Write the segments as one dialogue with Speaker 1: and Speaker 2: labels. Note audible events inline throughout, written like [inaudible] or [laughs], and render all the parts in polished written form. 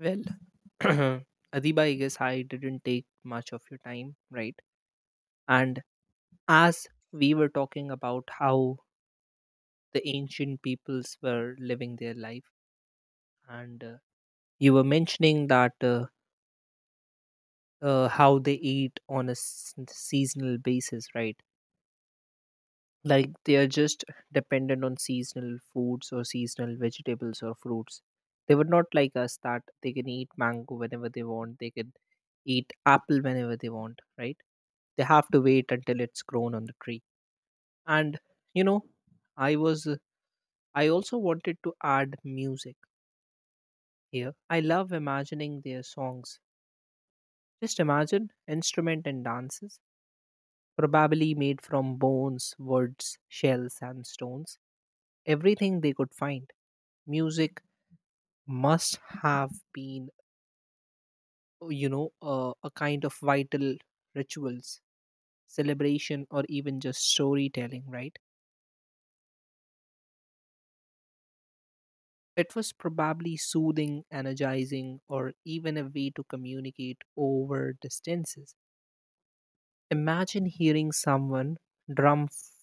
Speaker 1: Well, [clears throat] Adiba, I guess I didn't take much of your time, right? And as we were talking about how the ancient peoples were living their life, and you were mentioning that how they eat on a seasonal basis, right? Like they are just dependent on seasonal foods or seasonal vegetables or fruits. They would not like us that they can eat mango whenever they want, they can eat apple whenever they want, right? They have to wait until it's grown on the tree. And you know i was uh, I also wanted to add music here. I love imagining their songs, just imagine instrument and dances, probably made from bones, woods, shells and stones, everything they could find. Music must have been, a kind of vital rituals, celebration or even just storytelling, right? It was probably soothing, energizing or even a way to communicate over distances. Imagine hearing someone drum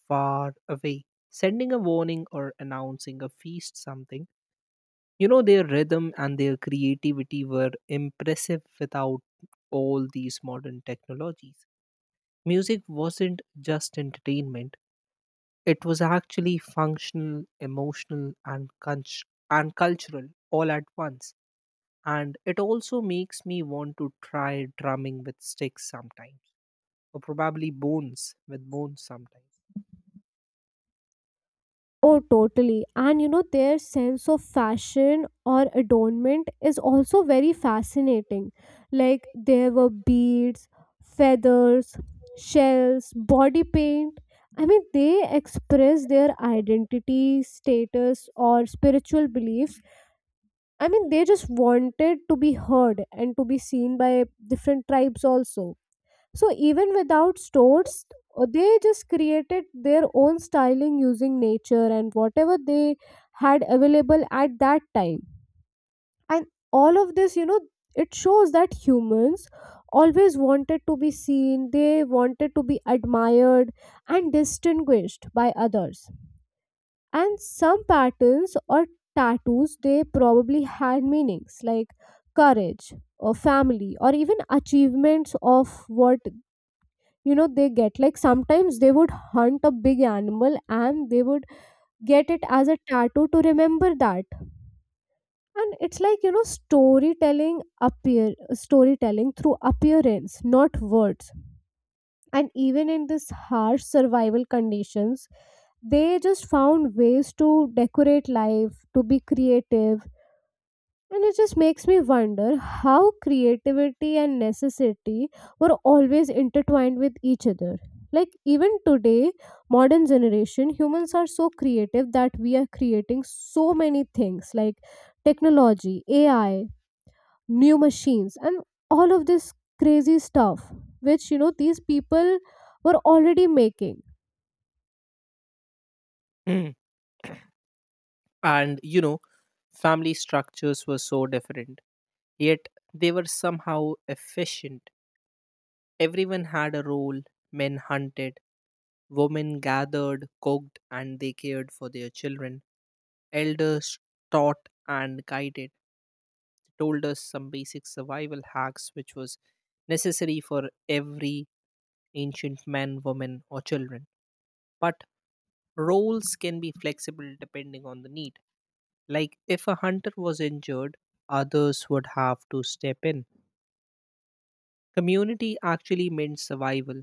Speaker 1: far away, sending a warning or announcing a feast, something. You know, their rhythm and their creativity were impressive without all these modern technologies. Music wasn't just entertainment, it was actually functional, emotional, and cultural all at once. And it also makes me want to try drumming with sticks sometimes, or probably bones with bones sometimes.
Speaker 2: Oh, totally. And you know, their sense of fashion or adornment is also very fascinating. Like, there were beads, feathers, shells, body paint. I mean, they express their identity, status, or spiritual beliefs. I mean, they just wanted to be heard and to be seen by different tribes also. So even without stores, they just created their own styling using nature and whatever they had available at that time. And all of this, you know, it shows that humans always wanted to be seen, they wanted to be admired and distinguished by others. And some patterns or tattoos, they probably had meanings like courage or family or even achievements of what you know they get, like sometimes they would hunt a big animal and they would get it as a tattoo to remember that. And it's like, you know, storytelling appear storytelling through appearance, not words. And even in this harsh survival conditions, they just found ways to decorate life, to be creative. And it just makes me wonder how creativity and necessity were always intertwined with each other. Like even today, modern generation, humans are so creative that we are creating so many things like technology, AI, new machines, and all of this crazy stuff, which you know these people were already making.
Speaker 1: Mm. And you know, family structures were so different, yet they were somehow efficient. Everyone had a role. Men hunted, women gathered, cooked, and they cared for their children. Elders taught and guided. They told us some basic survival hacks which was necessary for every ancient man, woman or children. But roles can be flexible depending on the need. Like if a hunter was injured, others would have to step in. Community actually meant survival,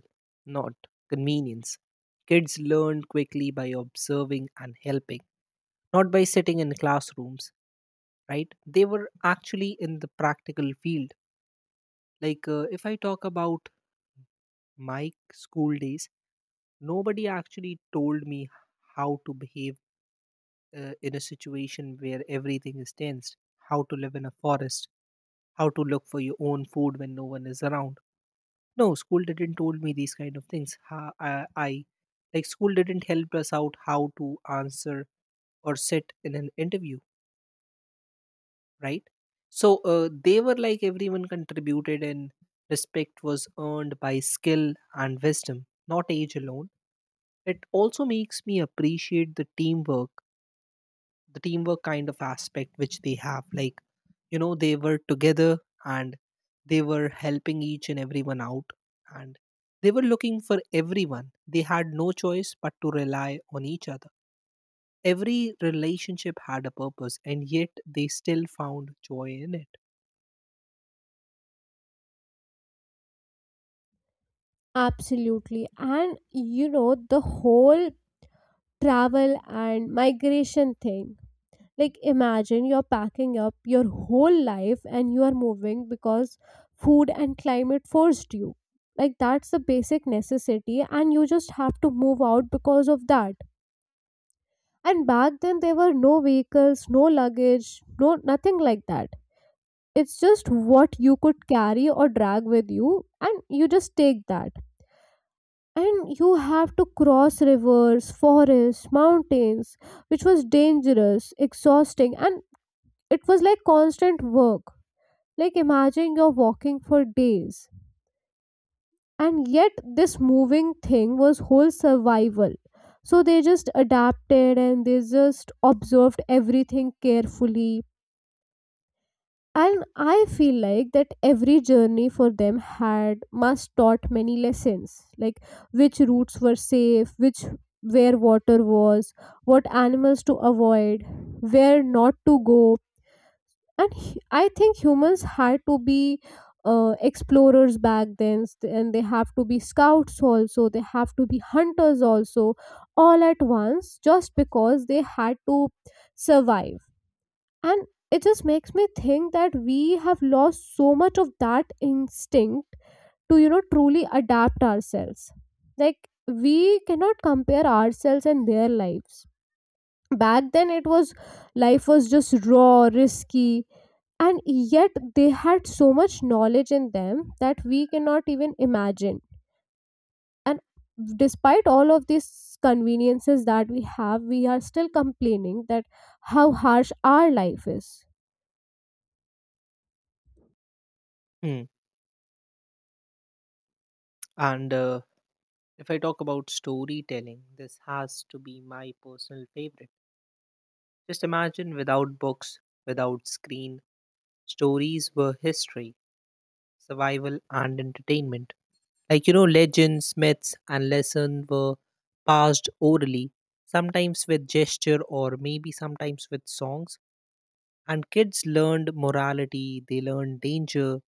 Speaker 1: not convenience. Kids learned quickly by observing and helping, not by sitting in classrooms, right? They were actually in the practical field. Like if I talk about my school days, nobody actually told me how to behave, in a situation where everything is tensed, how to live in a forest, how to look for your own food when no one is around. No, school didn't told me these kind of things. Ha- I Like school didn't help us out how to answer or sit in an interview, right? So they were like everyone contributed, and respect was earned by skill and wisdom, not age alone. It also makes me appreciate the teamwork kind of aspect which they have. Like, you know, they were together and they were helping each and everyone out, and they were looking for everyone. They had no choice but to rely on each other. Every relationship had a purpose, and yet they still found joy in it.
Speaker 2: Absolutely. And you know, the whole travel and migration thing. Like imagine you're packing up your whole life and you are moving because food and climate forced you. Like that's the basic necessity and you just have to move out because of that. And back then there were no vehicles, no luggage, no nothing like that. It's just what you could carry or drag with you and you just take that. And you have to cross rivers, forests, mountains, which was dangerous, exhausting, and it was like constant work. Like imagine you're walking for days. And yet this moving thing was whole survival. So they just adapted and they just observed everything carefully. And I feel like that every journey for them had must taught many lessons. Like which routes were safe, which where water was, what animals to avoid, where not to go, and I think humans had to be explorers back then, and they have to be scouts also, they have to be hunters also, all at once just because they had to survive. And it just makes me think that we have lost so much of that instinct to, you know, truly adapt ourselves. Like we cannot compare ourselves and their lives. Back then it was, life was just raw, risky, and yet they had so much knowledge in them that we cannot even imagine. And despite all of these conveniences that we have, we are still complaining that how harsh our life is.
Speaker 1: Hmm. And if I talk about storytelling, this has to be my personal favorite. Just imagine without books, without screen, stories were history, survival, and entertainment. Like, you know, legends, myths, and lessons were passed orally, sometimes with gesture or maybe sometimes with songs. And kids learned morality, they learned danger,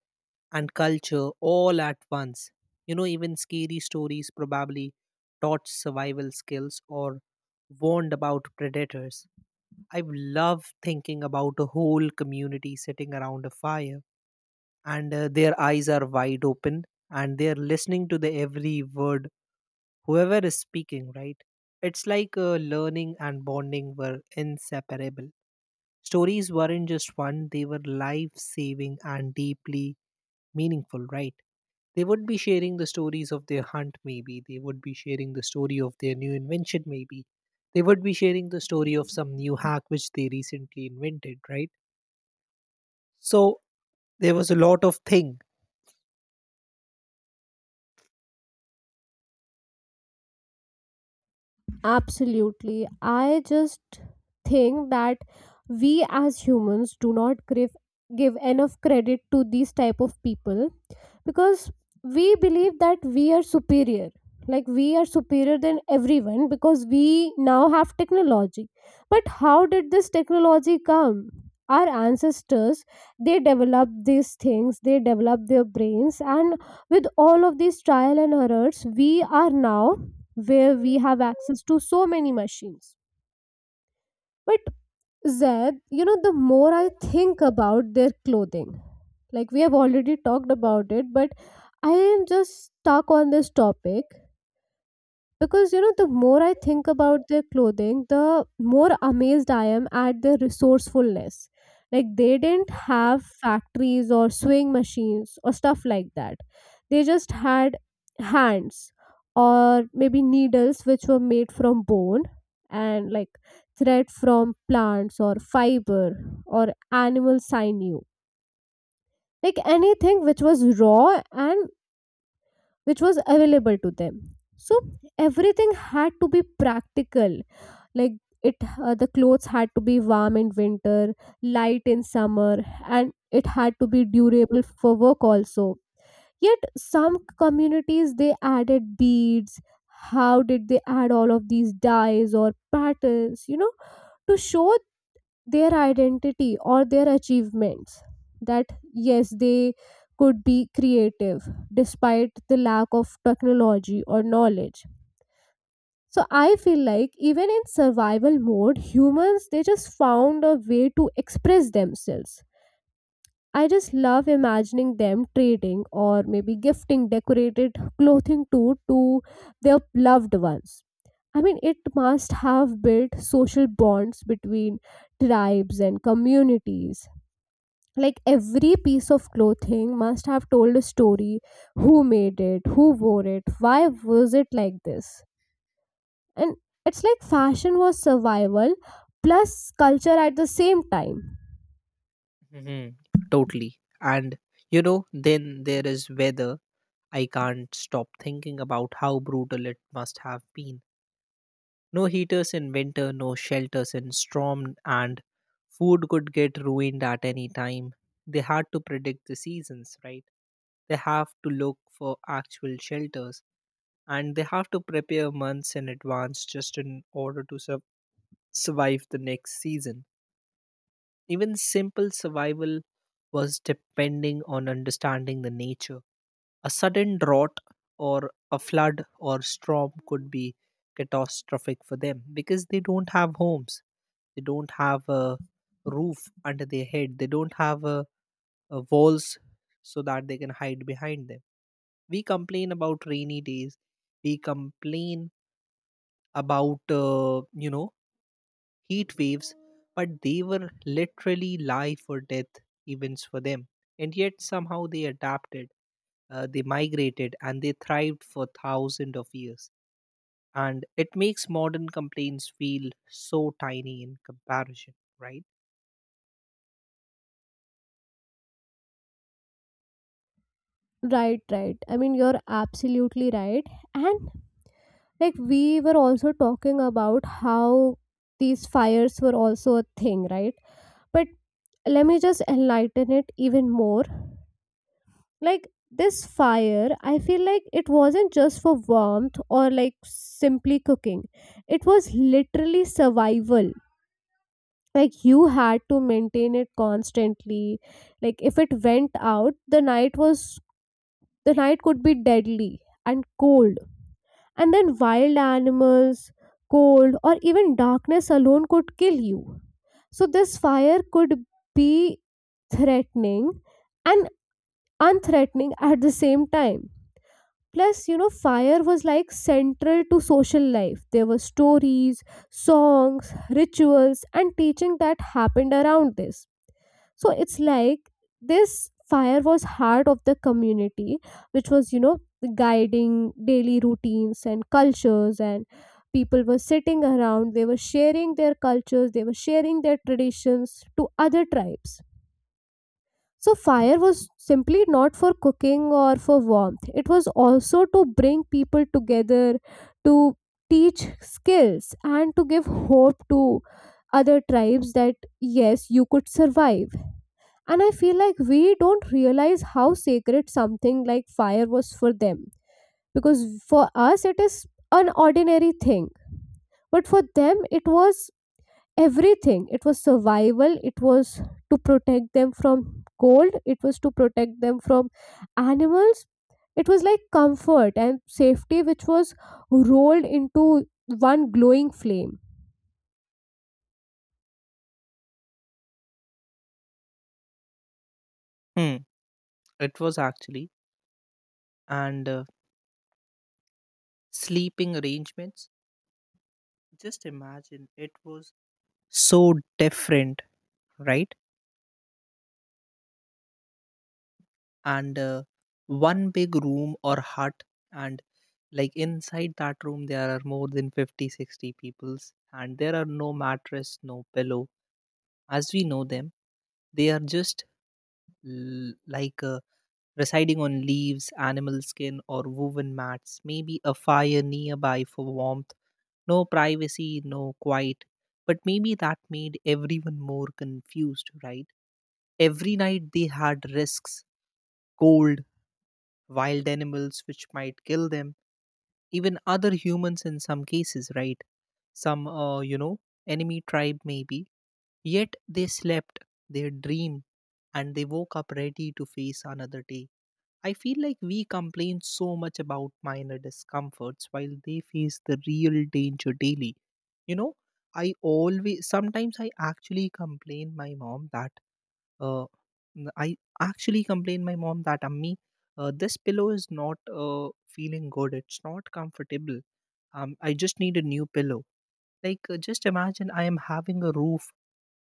Speaker 1: and culture all at once. You know, even scary stories probably taught survival skills or warned about predators. I love thinking about a whole community sitting around a fire, and their eyes are wide open and they're listening to the every word whoever is speaking, right? It's like learning and bonding were inseparable. Stories weren't just fun, they were life saving and deeply meaningful, right? They would be sharing the stories of their hunt, maybe. They would be sharing the story of their new invention, maybe. They would be sharing the story of some new hack which they recently invented, right? So there was a lot of thing.
Speaker 2: Absolutely. I just think that we as humans do not give enough credit to these type of people because we believe that we are superior. Like we are superior than everyone because we now have technology. But how did this technology come? Our ancestors, they developed these things, they developed their brains, and with all of these trial and errors, we are now where we have access to so many machines. But Zed, you know, the more I think about their clothing, like we have already talked about it, but I am just stuck on this topic because you know, the more I think about their clothing, the more amazed I am at their resourcefulness. Like they didn't have factories or sewing machines or stuff like that. They just had hands or maybe needles which were made from bone, and like thread from plants or fiber or animal sinew. Like anything which was raw and which was available to them. So everything had to be practical. Like it The clothes had to be warm in winter, light in summer, and it had to be durable for work also. Yet some communities, they added beads. How did they add all of these dyes or patterns, you know, to show their identity or their achievements, that yes, they could be creative despite the lack of technology or knowledge. So I feel like even in survival mode, humans, they just found a way to express themselves. I just love imagining them trading or maybe gifting decorated clothing to to their loved ones. I mean, it must have built social bonds between tribes and communities. Like every piece of clothing must have told a story: who made it, who wore it, why was it like this. And it's like fashion was survival plus culture at the same time.
Speaker 1: Hmm. Totally. And you know, then there is weather. I can't stop thinking about how brutal it must have been. No heaters in winter, no shelters in storm, and food could get ruined at any time. They had to predict the seasons, right? They have to look for actual shelters and they have to prepare months in advance just in order to survive the next season. Even simple survival was depending on understanding the nature. A sudden drought or a flood or storm could be catastrophic for them because they don't have homes. They don't have a roof under their head. They don't have a walls so that they can hide behind them. We complain about rainy days. We complain about you know, heat waves, but they were literally life or death events for them. And yet somehow they adapted, they migrated, and they thrived for thousands of years. And it makes modern complaints feel so tiny in comparison, right?
Speaker 2: Right, right. I mean you're absolutely right. And like we were also talking about how these fires were also a thing, right? But let me just enlighten it even more. Like this fire, I feel like it wasn't just for warmth or like simply cooking, it was literally survival. Like you had to maintain it constantly. Like if it went out, the night could be deadly and cold, and then wild animals, cold, or even darkness alone could kill you. So this fire could be threatening and unthreatening at the same time. Plus, you know, fire was like central to social life. There were stories, songs, rituals, and teaching that happened around this. So it's like this fire was heart of the community, which was, you know, guiding daily routines and cultures, and people were sitting around, they were sharing their cultures, they were sharing their traditions to other tribes. So fire was simply not for cooking or for warmth, it was also to bring people together, to teach skills, and to give hope to other tribes that yes, you could survive. And I feel like we don't realize how sacred something like fire was for them, because for us, it is an ordinary thing, but for them, it was everything. It was survival. It was to protect them from cold, it was to protect them from animals. It was like comfort and safety which was rolled into one glowing flame.
Speaker 1: Hmm. It was actually. And sleeping arrangements, just imagine it was so different, right? And one big room or hut, and like inside that room there are more than 50, 60 peoples and there are no mattress, no pillow as we know them. They are just l- like uh, residing on leaves, animal skin or woven mats, maybe a fire nearby for warmth. No privacy, no quiet, but maybe that made everyone more confused, right? Every night they had risks. Cold, wild animals which might kill them, even other humans in some cases, right? Some, you know, enemy tribe maybe. Yet they slept, they dream and they woke up ready to face another day. I feel like we complain so much about minor discomforts while they face the real danger daily. You know, I always sometimes I actually complain my mom that uh, I actually complained my mom that Ammi, this pillow is not feeling good. It's not comfortable. I just need a new pillow. Like, just imagine I am having a roof.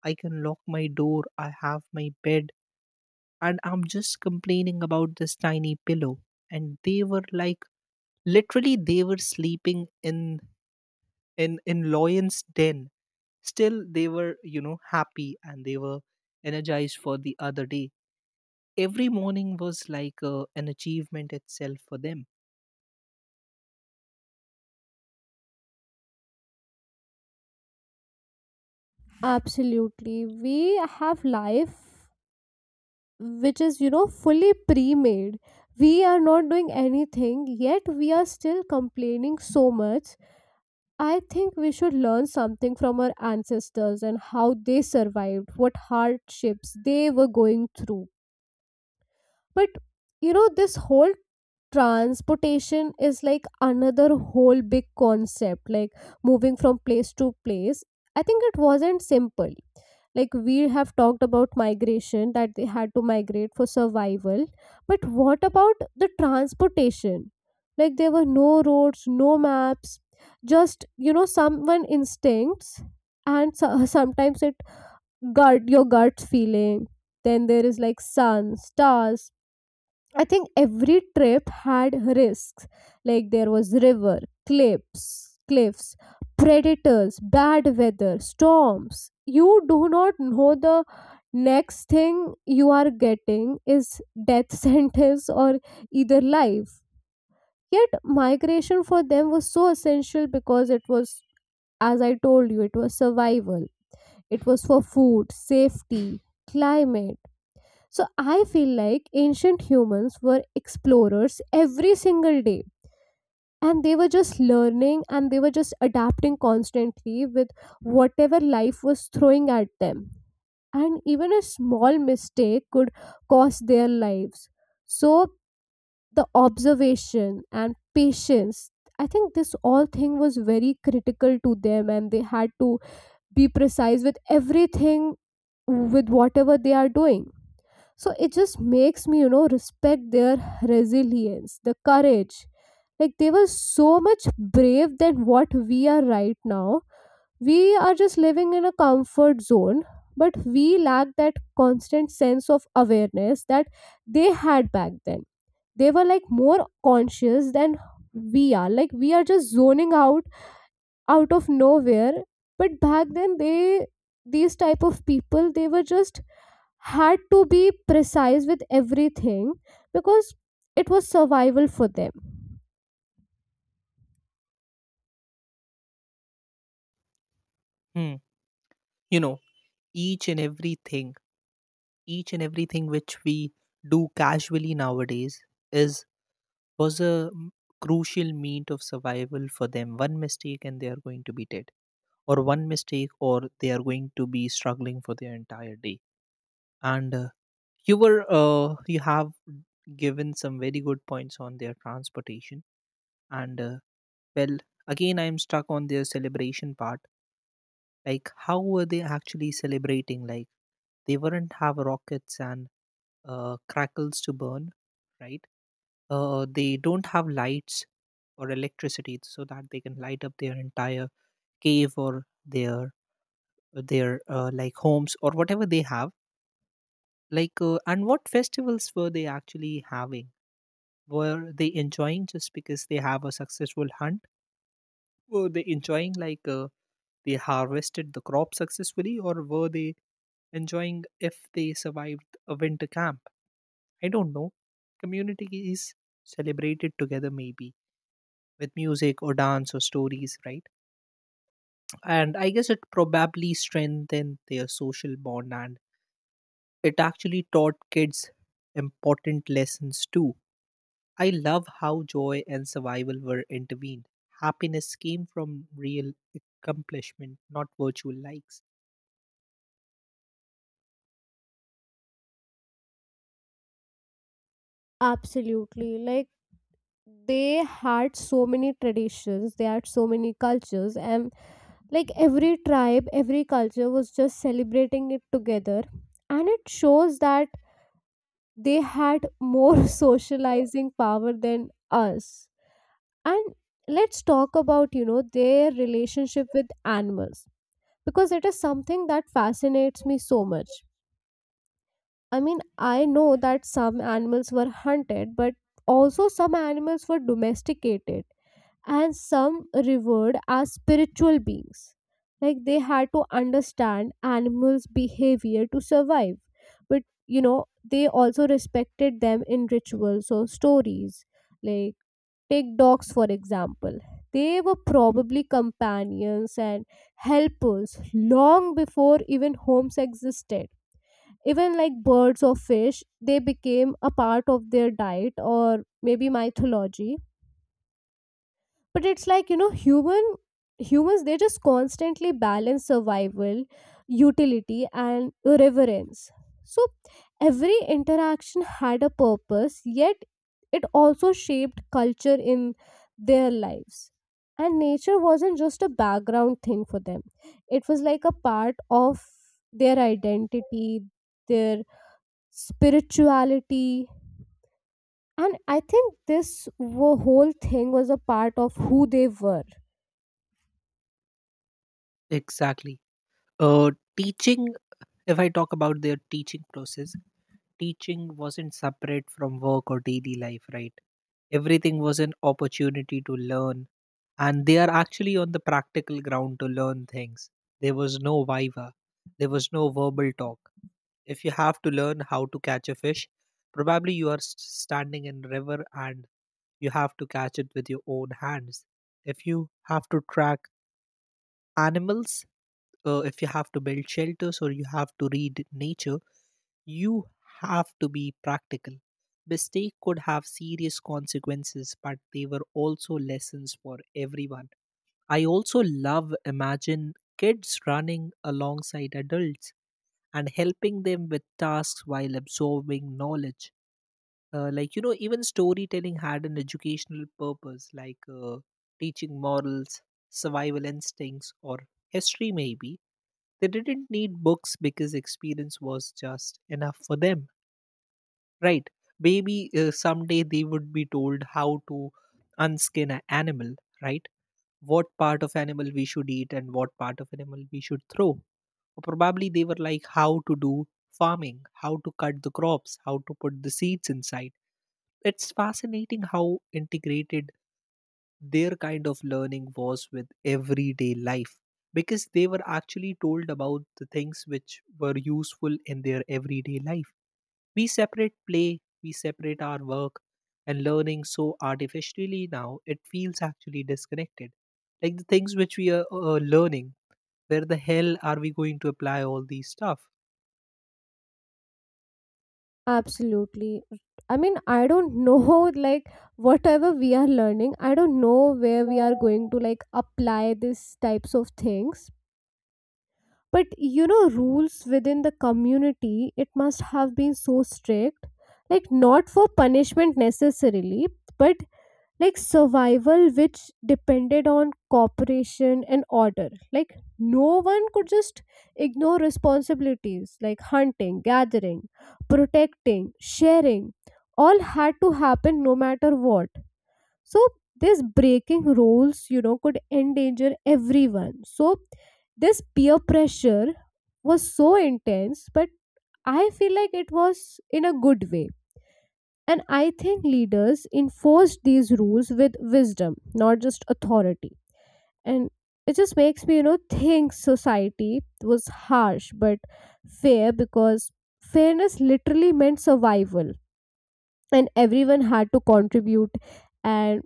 Speaker 1: I can lock my door. I have my bed, and I'm just complaining about this tiny pillow. And they were like, literally, they were sleeping in in lion's den. Still, they were you know happy and they were energized for the other day. Every morning was like an achievement itself for them.
Speaker 2: Absolutely. We have life which is, you know, fully pre-made. We are not doing anything, yet we are still complaining so much. I think we should learn something from our ancestors and how they survived, what hardships they were going through. But you know, this whole transportation is like another whole big concept, like moving from place to place. I think it wasn't simple. Like we have talked about migration, that they had to migrate for survival. But what about the transportation? Like there were no roads, no maps, just you know someone instincts, and sometimes it, gut your gut feeling. Then there is like sun, stars. I think every trip had risks. Like there was river, cliffs, predators, bad weather, storms. You do not know the next thing you are getting is death [laughs] sentence or either life. Yet migration for them was so essential because it was, as I told you, it was survival. It was for food, safety, climate. So I feel like ancient humans were explorers every single day. And they were just learning and they were just adapting constantly with whatever life was throwing at them. And even a small mistake could cost their lives. So the observation and patience, I think this all thing was very critical to them, and they had to be precise with everything, with whatever they are doing. So it just makes me, you know, respect their resilience, the courage. Like they were so much brave than what we are right now. We are just living in a comfort zone, but we lack that constant sense of awareness that they had back then. They were like more conscious than we are. Like we are just zoning out out of nowhere. But back then they, these type of people, they were just had to be precise with everything because it was survival for them.
Speaker 1: Hmm. You know, each and everything, each and everything which we do casually nowadays is was a m- crucial means of survival for them. One mistake and they are going to be dead, or one mistake or they are going to be struggling for their entire day. And you have given some very good points on their transportation, and well, again I am stuck on their celebration part. Like, how were they actually celebrating? Like, they wouldn't have rockets and crackles to burn, right? They don't have lights or electricity so that they can light up their entire cave or their like homes or whatever they have. Like, and what festivals were they actually having? Were they enjoying just because they have a successful hunt? Were they enjoying like? They harvested the crop successfully, or were they enjoying if they survived a winter camp? I don't know. Community is celebrated together maybe, with music or dance or stories, right? And I guess it probably strengthened their social bond, and it actually taught kids important lessons too. I love how joy and survival were intervened. Happiness came from real accomplishment, not virtual likes.
Speaker 2: Absolutely. Like they had so many traditions, they had so many cultures, and like every tribe, every culture was just celebrating it together. And it shows that they had more [laughs] socializing power than us. And let's talk about, you know, their relationship with animals, because it is something that fascinates me so much. I mean, I know that some animals were hunted, but also some animals were domesticated and some revered as spiritual beings. Like they had to understand animals' behavior to survive. But you know, they also respected them in rituals or stories. Like take dogs for example. They were probably companions and helpers long before even homes existed. Even like birds or fish, they became a part of their diet or maybe mythology. But it's like, you know, humans they just constantly balance survival, utility, and reverence. So every interaction had a purpose, yet it also shaped culture in their lives. And nature wasn't just a background thing for them. It was like a part of their identity, their spirituality. And I think this whole thing was a part of who they were.
Speaker 1: Exactly. Uh, teaching, if I talk about their teaching process, teaching wasn't separate from work or daily life, right? Everything was an opportunity to learn, and they are actually on the practical ground to learn things. There was no viva, there was no verbal talk. If you have to learn how to catch a fish, probably you are standing in river and you have to catch it with your own hands. If you have to track animals, if you have to build shelters or you have to read nature, you have to be practical. Mistake could have serious consequences, but they were also lessons for everyone. I also love imagine kids running alongside adults and helping them with tasks while absorbing knowledge. Like you know, even storytelling had an educational purpose, like teaching morals, survival instincts or history maybe. They didn't need books because experience was just enough for them, right? Maybe someday they would be told how to unskin an animal, right? What part of animal we should eat and what part of animal we should throw, or probably they were like how to do farming, how to cut the crops, how to put the seeds inside. It's fascinating how integrated their kind of learning was with everyday life, because they were actually told about the things which were useful in their everyday life. We separate play, we separate our work and learning so artificially now, it feels actually disconnected. Like the things which we are learning, where the hell are we going to apply all these stuff?
Speaker 2: Absolutely. I mean, I don't [laughs] know, like, whatever we are learning, I don't know where we are going to, like, apply these types of things. But, you know, rules within the community, it must have been so strict. Like, not for punishment necessarily, but like survival which depended on cooperation and order. Like no one could just ignore responsibilities. Like hunting, gathering, protecting, sharing, all had to happen no matter what. So this breaking rules, you know, could endanger everyone. So this peer pressure was so intense, but I feel like it was in a good way. And I think leaders enforce these rules with wisdom, not just authority. And it just makes me, you know, think society was harsh but fair, because fairness literally meant survival and everyone had to contribute. And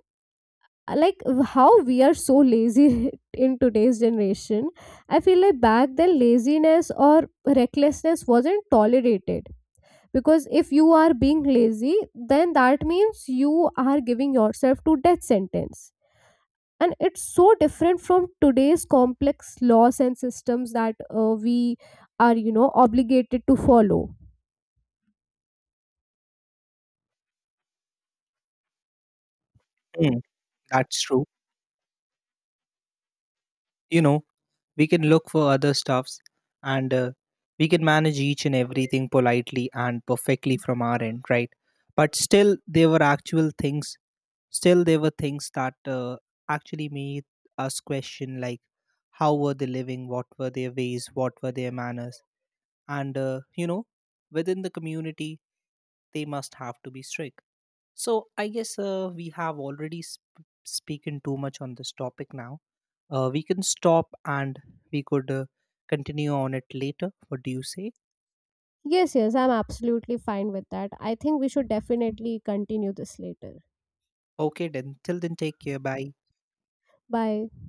Speaker 2: like how we are so lazy [laughs] in today's generation, I feel like back then laziness or recklessness wasn't tolerated, because if you are being lazy, then that means you are giving yourself to death sentence. And it's so different from today's complex laws and systems that we are, you know, obligated to follow.
Speaker 1: Mm, that's true. You know, we can look for other stuffs and we can manage each and everything politely and perfectly from our end, right? But still, there were actual things, still, there were things that actually made us question like, how were they living? What were their ways? What were their manners? And, you know, within the community, they must have to be strict. So I guess we have already spoken too much on this topic now. We can stop and we could continue on it later. What do you say?
Speaker 2: Yes, yes, I'm absolutely fine with that. I think we should definitely continue this later.
Speaker 1: Okay, then till then, take care. Bye.
Speaker 2: Bye.